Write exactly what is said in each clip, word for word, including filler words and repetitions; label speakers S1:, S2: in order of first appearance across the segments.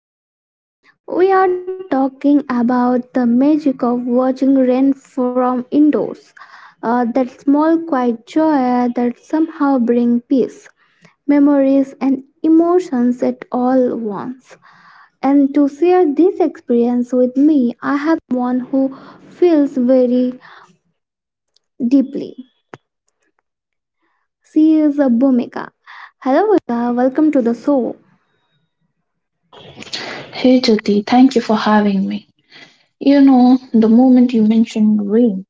S1: Nostalgia. We are talking about the magic of watching rain from indoors, uh, that small quiet joy that somehow brings peace, memories and emotions at all once, and to share this experience.
S2: Hey Jyoti, thank you for having me. You know, the moment you mentioned rain,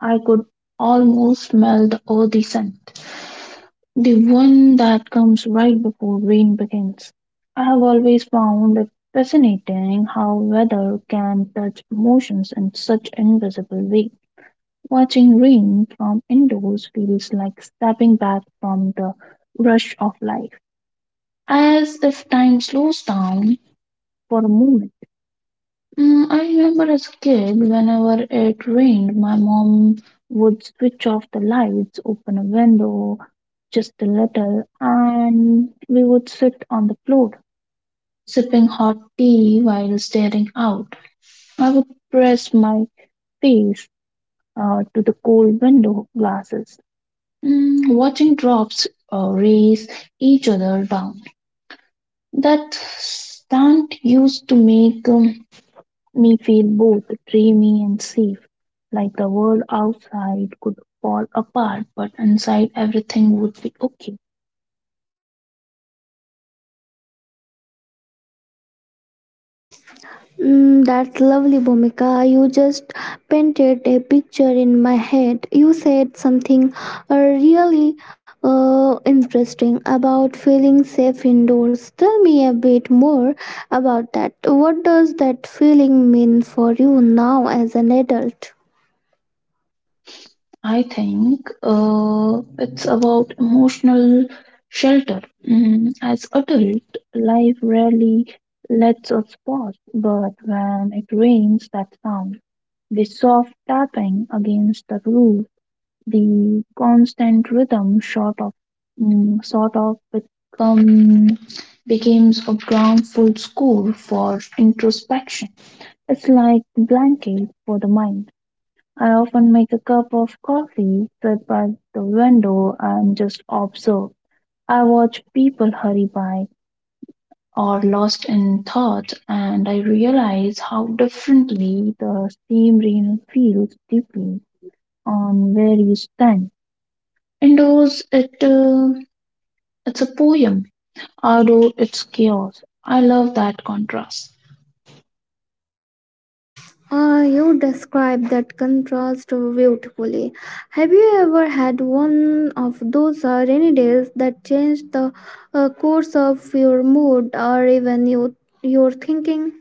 S2: I could almost smell the earthy scent, the one that comes right before rain begins. I have always found it fascinating how weather can touch emotions in such invisible way. Watching rain from indoors feels like stepping back from the rush of life, as if time slows down for a moment. Mm, I remember as a kid, whenever it rained, my mom would switch off the lights, open a window just a little, and we would sit on the floor, sipping hot tea while staring out. I would press my face uh, to the cold window glasses, mm, watching drops uh, race each other down. That stunt used to make um, me feel both dreamy and safe, like the world outside could fall apart, but inside everything would be okay.
S1: Mm, that's lovely, Bhumika. You just painted a picture in my head. You said something uh, really uh, interesting about feeling safe indoors. Tell me a bit more about that. What does that feeling mean for you now as an adult?
S2: I think uh, it's about emotional shelter. Mm, as adult, life rarely lets us pause, but when it rains, that sound, the soft tapping against the roof, the constant rhythm sort of mm, sort of become becomes a groundful school for introspection. It's like a blanket for the mind. I often make a cup of coffee, sit by the window and just observe. I watch people hurry by or lost in thought and I realize how differently the same rain feels deeply on where you stand. Indoors, it uh, it's a poem. Outdoor, it's chaos. I love that contrast.
S1: Uh, you described that contrast beautifully. Have you ever had one of those uh, rainy days that changed the uh, course of your mood or even you, your thinking?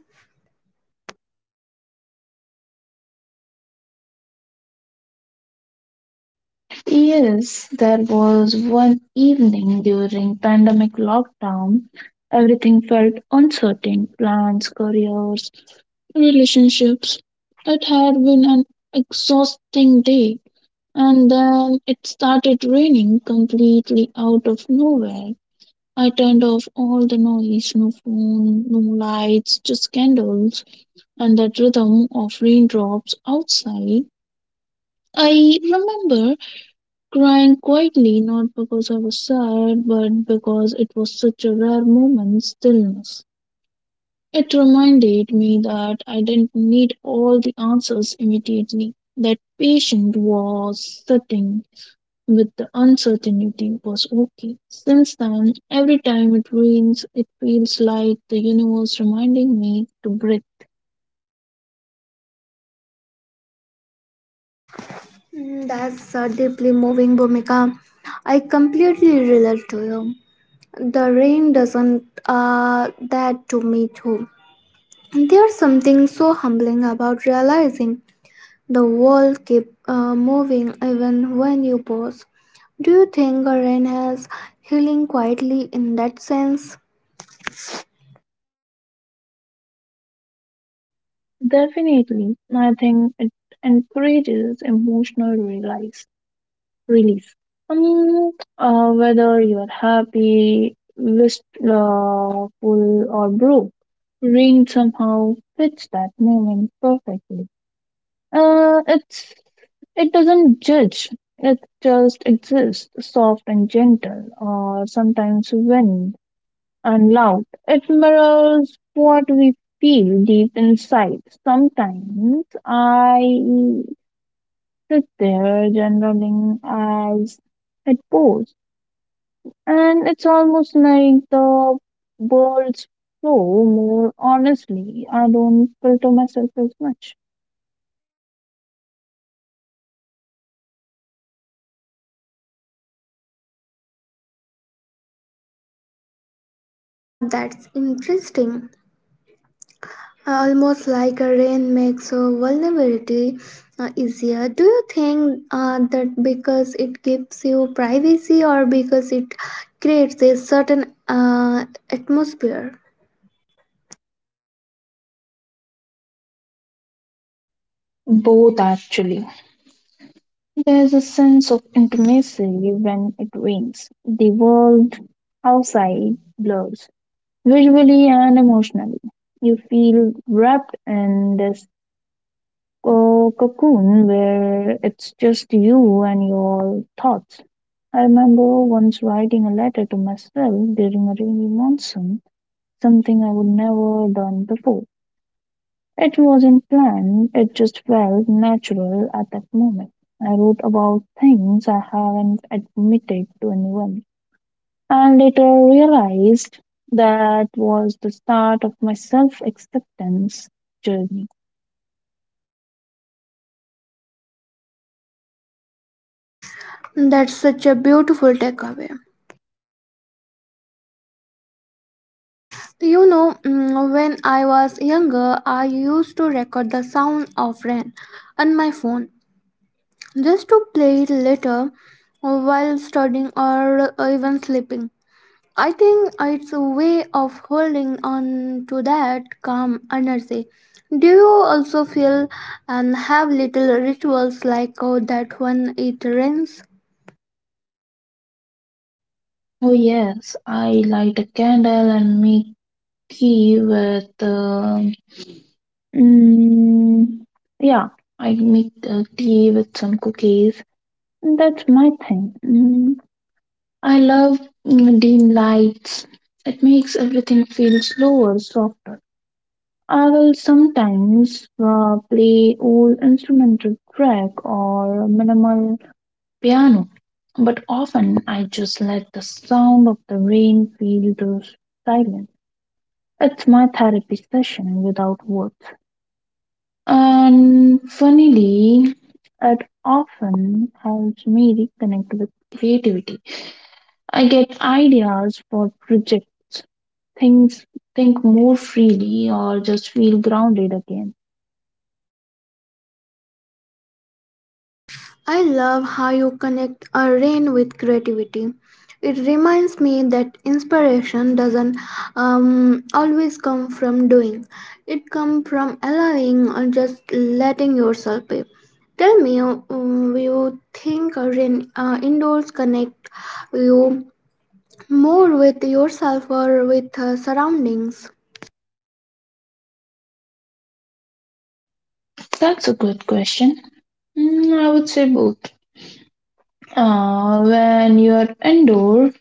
S2: Yes, there was one evening during pandemic lockdown. Everything felt uncertain. Plans, careers, relationships. It had been an exhausting day. And then it started raining completely out of nowhere. I turned off all the noise, no phone, no lights, just candles and that rhythm of raindrops outside. I remember crying quietly, not because I was sad, but because it was such a rare moment stillness. It reminded me that I didn't need all the answers immediately, that patience was sitting with the uncertainty was okay. Since then, every time it rains, it feels like the universe reminding me to breathe.
S1: Mm, that's uh, deeply moving, Bhumika. I completely relate to you. The rain doesn't uh, that to me too. There's something so humbling about realizing the world keep uh, moving even when you pause. Do you think Ren has healing quietly in that sense?
S2: Definitely, I think it encourages emotional release. Release. Um, uh, Whether you're happy, wistful, or broke, rain somehow fits that moment perfectly. Uh, it's it doesn't judge. It just exists, soft and gentle, or sometimes winning and loud. It mirrors what we feel deep inside. Sometimes I sit there generaling as it pours, and it's almost like the words flow more honestly. I don't filter myself as much.
S1: Ah, that's interesting. Ah, almost like a rain makes a vulnerability uh, easier. Do you think uh, that because it gives you privacy or because it creates a certain uh, atmosphere?
S2: Both actually. There's a sense of intimacy when it rains. The world outside blurs visually and emotionally. You feel wrapped in this co- cocoon where it's just you and your thoughts. I remember once writing a letter to myself during a rainy monsoon, something I would never done before. It wasn't planned, it just felt natural at that moment. I wrote about things I haven't admitted to anyone and later realized that was the start of my self acceptance journey.
S1: That's such a beautiful takeaway. You know, mm, when I was younger, I used to record the sound of rain on my phone just to play it later uh, while studying or uh, even sleeping. I think it's a way of holding on to that calm energy. Do you also feel and have little rituals like uh, that when it rains?
S2: Oh, yes, I light a candle and make tea with. Uh, Mm, yeah, I make uh, tea with some cookies. That's my thing. Mm, I love mm, dim lights. It makes everything feel slower, softer. I will sometimes uh, play old instrumental track or minimal piano, but often I just let the sound of the rain fill the silence. It's my therapy session without words. And funnily, it often helps me reconnect with creativity. I get ideas for projects, things, think more freely, or just feel grounded again.
S1: I love how you connect a rain with creativity. It reminds me that inspiration doesn't um, always come from doing. It comes from allowing or just letting yourself be. Tell me, um, you think a rain uh, indoors connect you more with yourself or with uh, surroundings?
S2: That's a good question. Mm, I would say both. Uh, when you are indoor,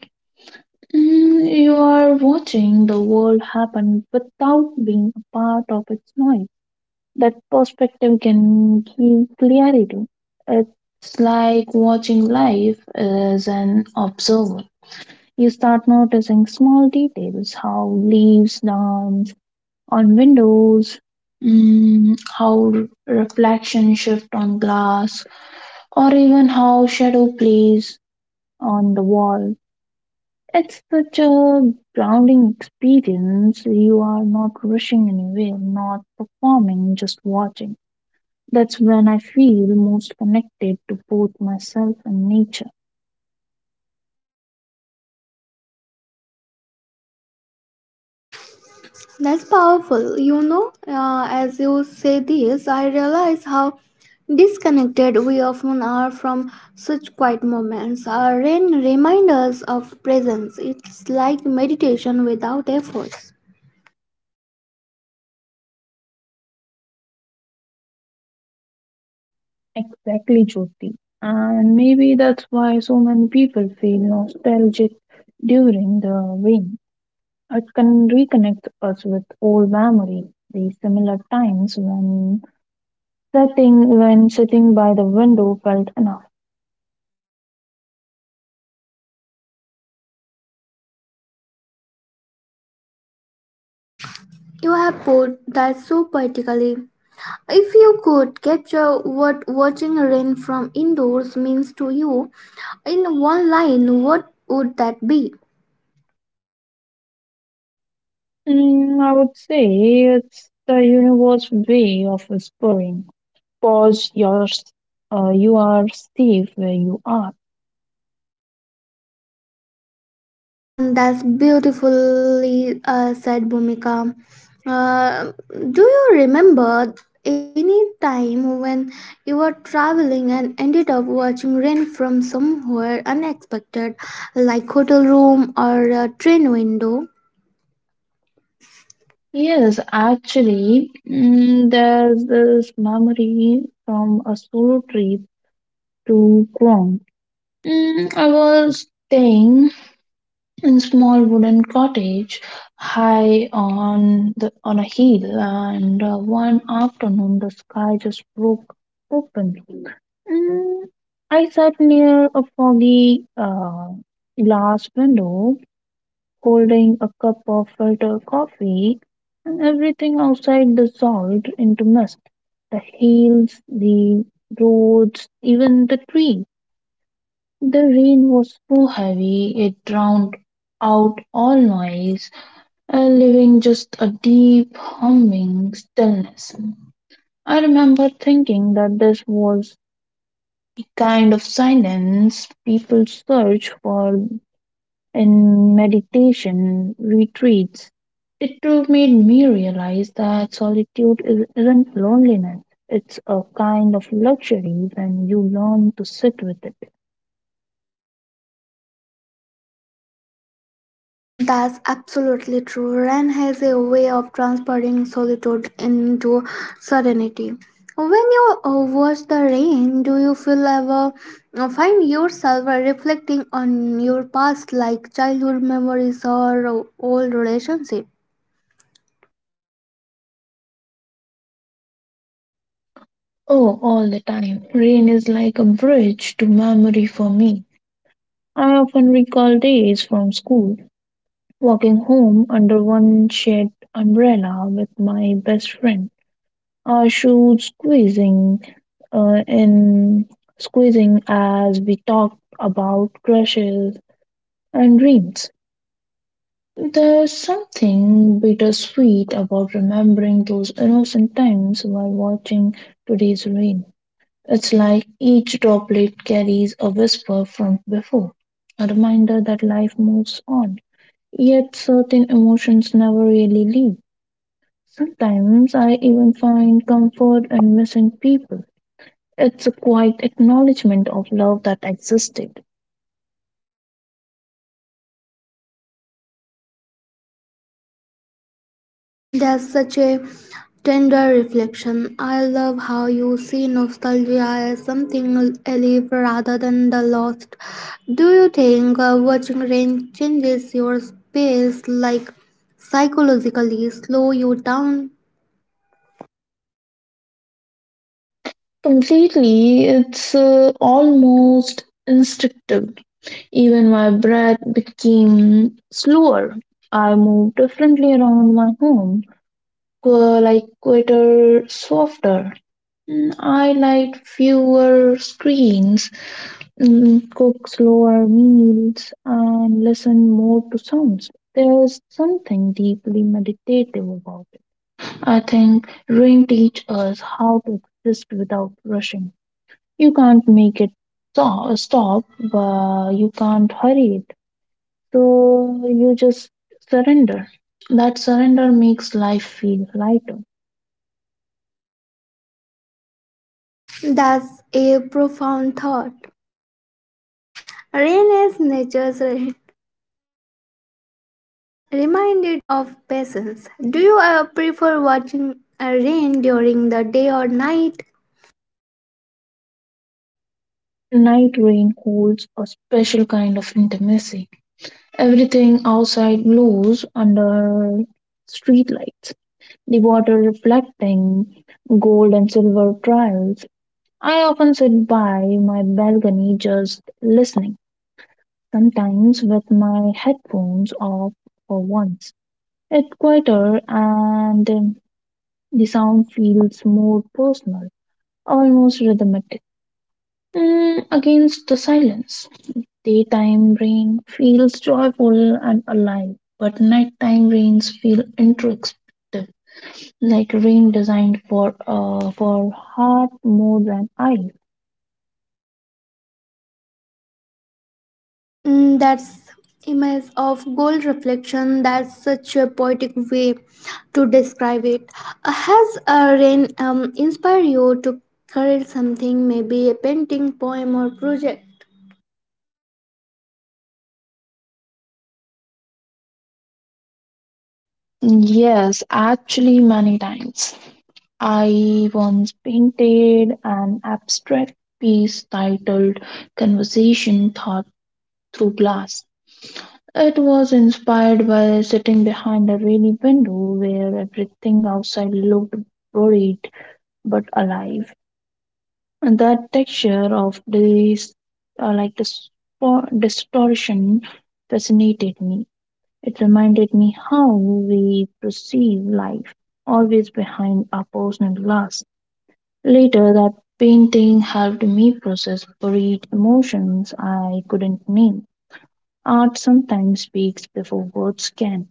S2: mm, you are watching the world happen without being a part of its noise. That perspective can give clarity. It's like watching life as an observer. You start noticing small details, how leaves dance, on windows, mm, how reflection shift on glass, or even how shadow plays on the wall. It's such a grounding experience. You are not rushing anywhere, not performing, just watching. That's when I feel most connected to both myself and nature.
S1: That's powerful. You know, uh, as you say this, I realize how disconnected we often are from such quiet moments. Our rain reminds us of presence. It's like meditation without efforts.
S2: Exactly, Jyoti. And maybe that's why so many people feel nostalgic during the rain. It can reconnect us with old memories, the similar times when sitting when sitting by the window felt enough.
S1: You have put that so poetically. If you could capture what watching rain from indoors means to you in one line, what would that be?
S2: Mm, I would say it's the universe way of whispering. Pause. Your, uh, you are safe where you are.
S1: And that's beautifully uh, said, Bhumika. Uh, do you remember any time when you were traveling and ended up watching rain from somewhere unexpected, like hotel room or a train window?
S2: Yes, actually, mm, there's this memory from a solo trip to Guam. Mm, I was staying in small wooden cottage high on the on a hill and uh, one afternoon the sky just broke open. Mm, I sat near a foggy uh, glass window holding a cup of filter coffee and everything outside dissolved into mist, the hills, the roads, even the trees. The rain was so heavy it drowned out all noise, uh, leaving just a deep humming stillness. I remember thinking that this was the kind of silence people search for in meditation retreats. It too made me realize that solitude is, isn't loneliness, it's a kind of luxury when you learn to sit with it.
S1: Mm, that's absolutely true. Ren has a way of transferring solitude into serenity. When you uh, watch the rain, do you feel ever uh, find yourself reflecting on your past, like childhood memories or old relationship?
S2: Oh, all the time. Rain is like a bridge to memory for me. I often recall days from school, walking home under one shade umbrella with my best friend, our shoes squeezing uh, in squeezing as we talked about crushes and dreams. There's something bittersweet about remembering those innocent times while watching today's rain. It's like each droplet carries a whisper from before, a reminder that life moves on. Yet certain emotions never really leave. Sometimes I even find comfort in missing people. It's a quiet acknowledgement of love that existed.
S1: That's such a tender reflection. I love how you see nostalgia as something alive rather than the lost. Do you think uh, watching rain changes your space, like psychologically slow you down?
S2: Completely, it's uh, almost instinctive. Even my breath became slower. I moved differently around my home, qu- like quieter, softer. Mm, I like fewer screens, mm, cook slower meals, and listen more to sounds. There's something deeply meditative about it. I think rain teach us how to exist without rushing. You can't make it so- stop, but you can't hurry it. So you just surrender. That surrender makes life feel lighter.
S1: That's a profound thought. Rain is nature's re- reminded of patience. Do you uh, prefer watching uh, rain during the day or night?
S2: Night rain holds a special kind of intimacy. Everything outside glows under streetlights, the water reflecting gold and silver trails. I often sit by my balcony just listening, sometimes with my headphones off for once. It's quieter and um, the sound feels more personal, almost rhythmic, mm, against the silence. Daytime rain feels joyful and alive, but nighttime rains feel introspective, like rain designed for uh, for heart more than eye.
S1: Mm, that's image of gold reflection. That's such a poetic way to describe it. Uh, Has a rain um, inspired you to create something, maybe a painting, poem, or project?
S2: Yes, actually, many times. I once painted an abstract piece titled Conversation Thought Through Glass. It was inspired by sitting behind a rainy window where everything outside looked worried but alive. And the texture of this uh, like this distortion fascinated me. It reminded me how we perceive life, always behind our personal glass. Later that painting helped me process buried emotions I couldn't name. Art sometimes speaks before words can.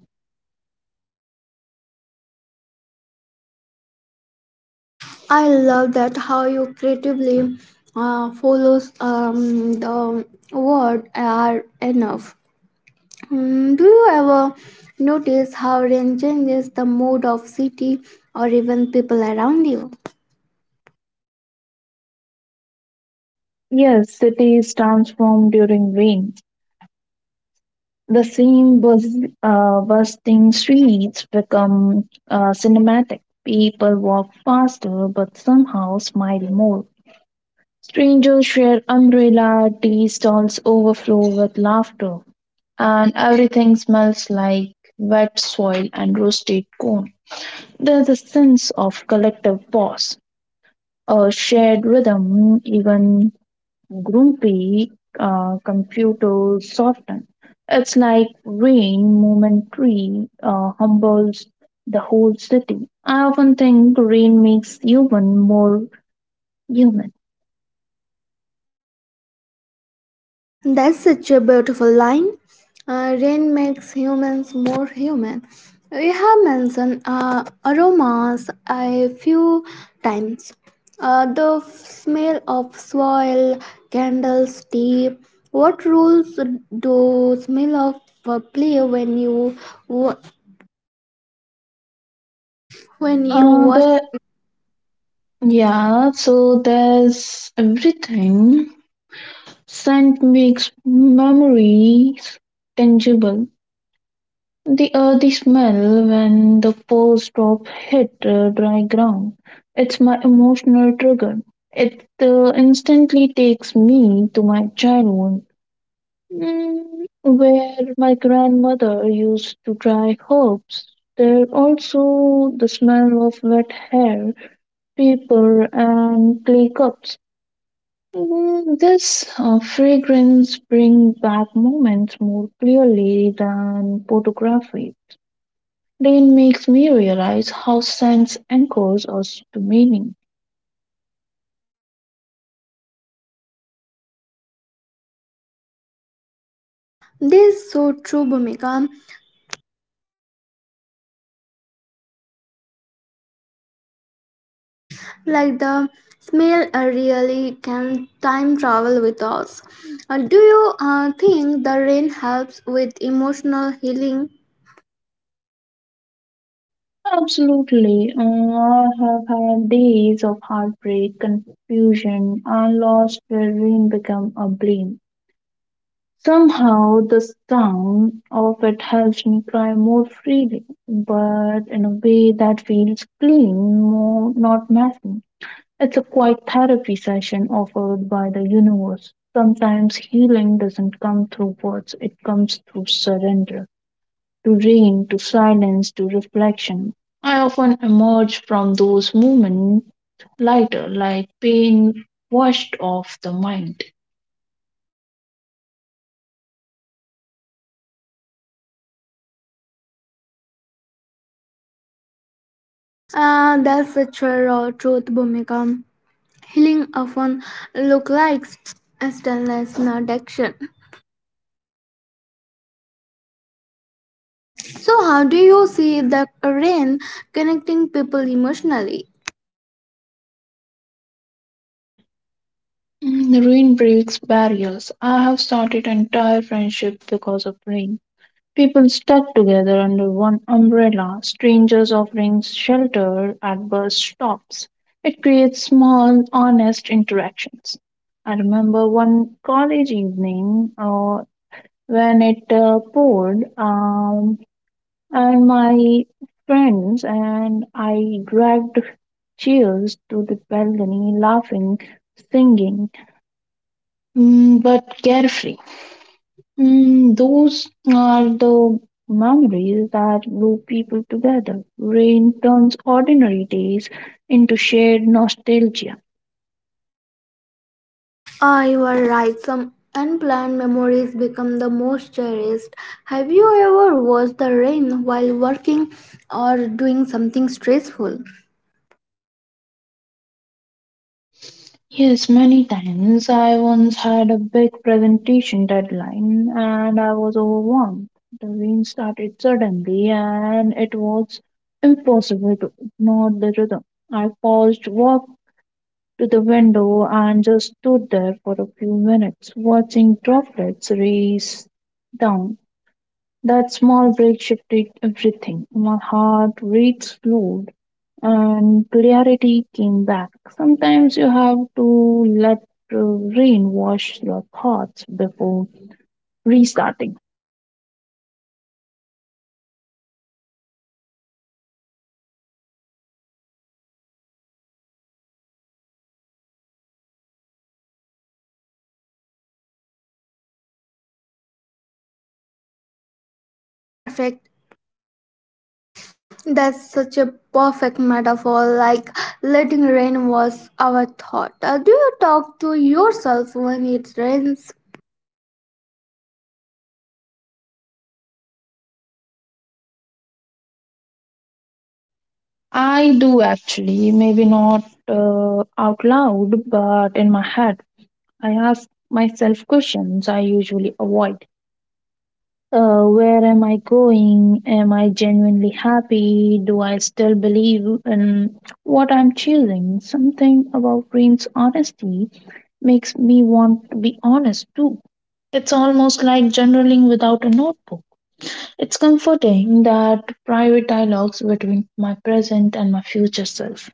S1: I love that how you creatively uh, follows um, the word are enough. Mm, do you ever notice how rain changes the mood of city or even people around you?
S2: Yes, cities transform during rain. The same buzz, uh, busting streets become uh, cinematic. People walk faster but somehow smile more. Strangers share umbrella, tea stalls overflow with laughter, and everything smells like wet soil and roasted corn. There's a sense of collective pause, a shared rhythm, even grumpy uh, computer soften. It's like rain momentary uh, humbles the whole city. I often think rain makes human more human.
S1: That's such a beautiful line. Uh, rain makes humans more human. We have mentioned uh, aromas a few times. Uh, the f- smell of soil, candles, tea. What roles do smell of uh, play when you wa- when you
S2: Uh,
S1: watch?
S2: the yeah, so there's everything. Scent makes memories tangible. The earthy smell when the first drop hit uh, dry ground. It's my emotional trigger. It uh, instantly takes me to my childhood, mm, where my grandmother used to dry herbs. There also the smell of wet hair, paper, and clay cups. Mm, This uh, fragrance brings back moments more clearly than photography. Rain makes me realize how sense anchors us to meaning.
S1: This is so true, Bhumika, like the smell uh, really can time travel with us. Uh, do you uh, think the rain helps with emotional healing?
S2: Absolutely. Uh, I have had days of heartbreak, confusion, and loss where rain become a blame. Somehow the sound of it helps me cry more freely, but in a way that feels clean, more not messy. It's a quiet therapy session offered by the universe. Sometimes healing doesn't come through words, it comes through surrender, to rain, to silence, to reflection. I often emerge from those moments lighter, like pain washed off the mind.
S1: Uh, that's such a raw truth, Bhumika. Healing often look like stillness, not action. So how do you see the rain connecting people emotionally?
S2: Mm, The Rain breaks barriers. I have started entire friendship because of rain. People stuck together under one umbrella, strangers offering shelter at bus stops. It creates small, honest interactions. I remember one college evening, uh, when it uh, poured, um, and my friends and I dragged chairs to the balcony, laughing, singing, mm, but carefree. Mm, those are the memories that glue people together. Rain turns ordinary days into shared nostalgia.
S1: Ah, you are right. Some unplanned memories become the most cherished. Have you ever watched the rain while working or doing something stressful?
S2: Yes, many times. I once had a big presentation deadline and I was overwhelmed. The rain started suddenly and it was impossible to ignore the rhythm. I paused, walked to the window, and just stood there for a few minutes, watching droplets race down. That small break shifted everything. My heart rate slowed and clarity came back. Sometimes you have to let uh, rain wash your thoughts before restarting.
S1: Ah, that's so perfect. That's such a perfect metaphor. Like letting rain was our thought. Ah, do you talk to yourself when it rains?
S2: I do actually, maybe not uh, out loud, but in my head. I ask myself questions I usually avoid. Uh, where am I going? Am I genuinely happy? Do I still believe in what I'm choosing? Something about Green's honesty makes me want to be honest too. It's almost like journaling without a notebook. It's comforting that private dialogues between my present and my future self.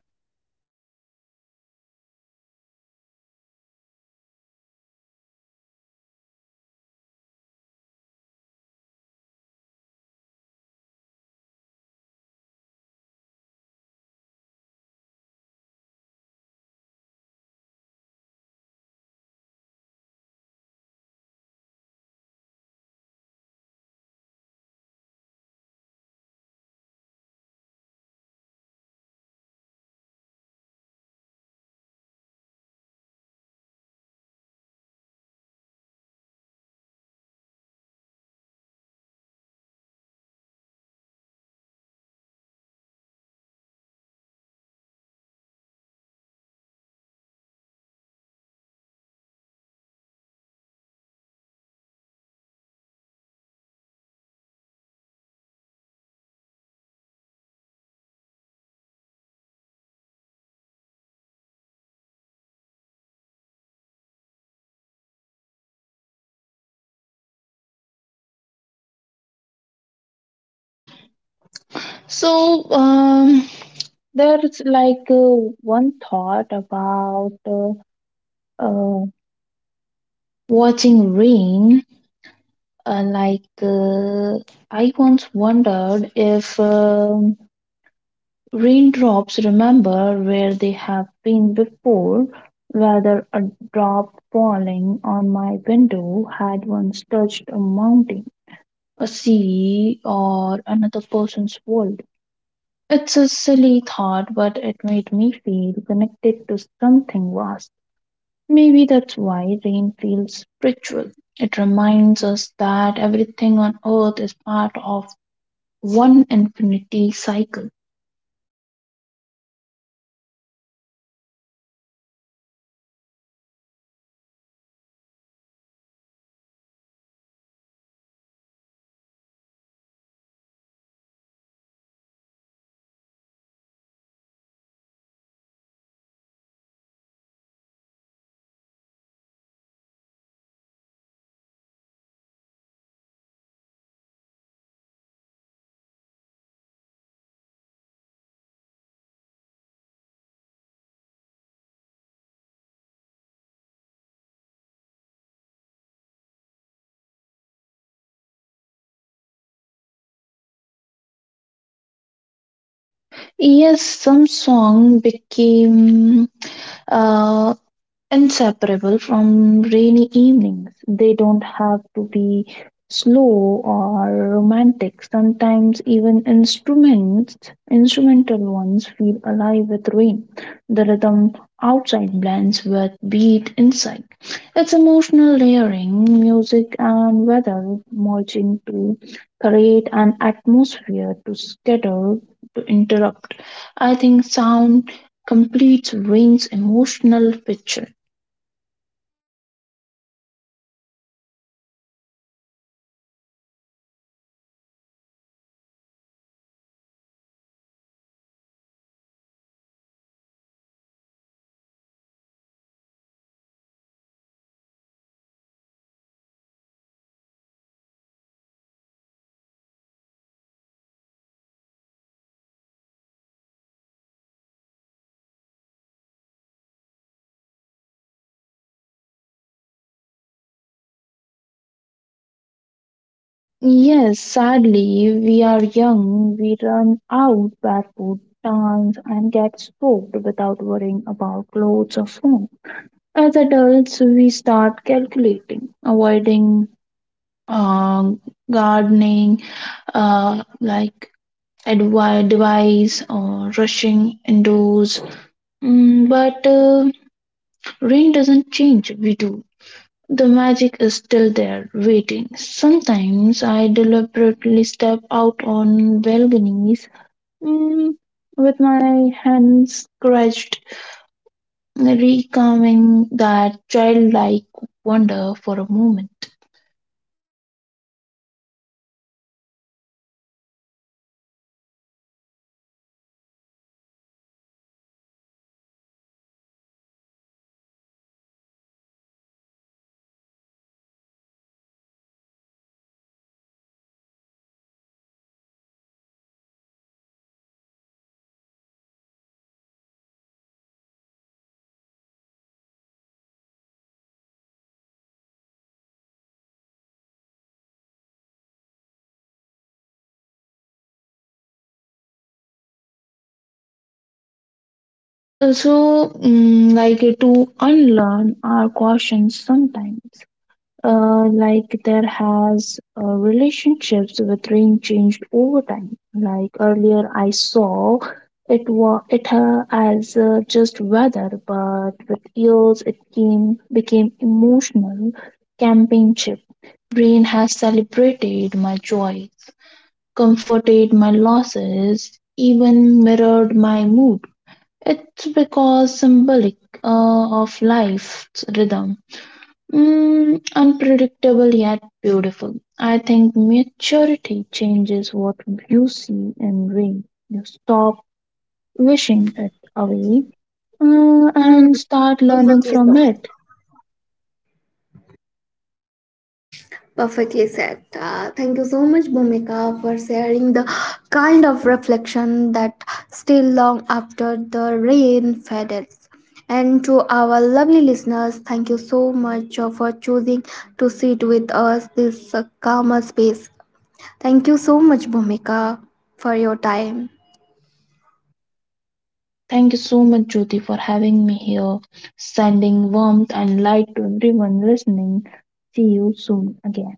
S2: So, um, there's like uh, one thought about uh, uh, Watching rain. Uh, like, uh, I once wondered if um raindrops remember where they have been before, whether a drop falling on my window had once touched a mountain, a sea, or another person's world. It's a silly thought, but it made me feel connected to something vast. Maybe that's why rain feels spiritual. It reminds us that everything on earth is part of one infinity cycle. Yes, some song became uh, inseparable from rainy evenings. They don't have to be slow or romantic. Sometimes even instruments, instrumental ones feel alive with rain. The rhythm outside blends with beat inside. It's emotional layering, music and weather merging to create an atmosphere to scatter, to interrupt. I think sound completes rain's emotional picture. Yes, sadly, we are young, we run out barefoot, dance, and get soaked without worrying about clothes or phone. As adults, we start calculating, avoiding um, gardening, uh, like advi- device or rushing indoors. Mm, but uh, rain doesn't change, we do. The magic is still there, waiting. Sometimes I deliberately step out on balconies mm, with my hands crunched, recalming that childlike wonder for a moment. Uh, So, mm, like uh, to unlearn our cautions sometimes. Uh, like there has uh, relationships with rain changed over time. Like earlier I saw it was it uh, as uh, just weather, but with years it came became emotional companionship. Rain has celebrated my joys, comforted my losses, even mirrored my mood. It's because symbolic uh, of life's rhythm. Mm, unpredictable yet beautiful. I think maturity changes what you see and read. You stop wishing it away uh,
S1: Mm,
S2: and start learning
S1: perfectly
S2: from
S1: said.
S2: it.
S1: Perfectly said. Uh, thank you so much, Bhumika, for sharing the kind of reflection that still long after the rain fades. And to our lovely listeners, thank you so much for choosing to sit with us this uh, calmer space. Thank you so much, Bhumika, for your time.
S2: Thank you so much, Jyoti, for having me here, sending warmth and light to everyone listening. See you soon again.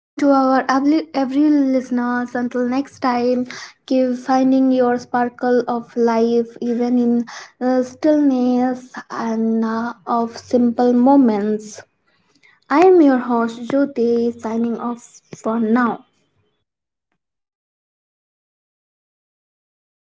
S1: And to our every, every listeners, until next time, keep finding your sparkle of life, even in the stillness and uh, of simple moments. I am your host Jyoti, signing off for now.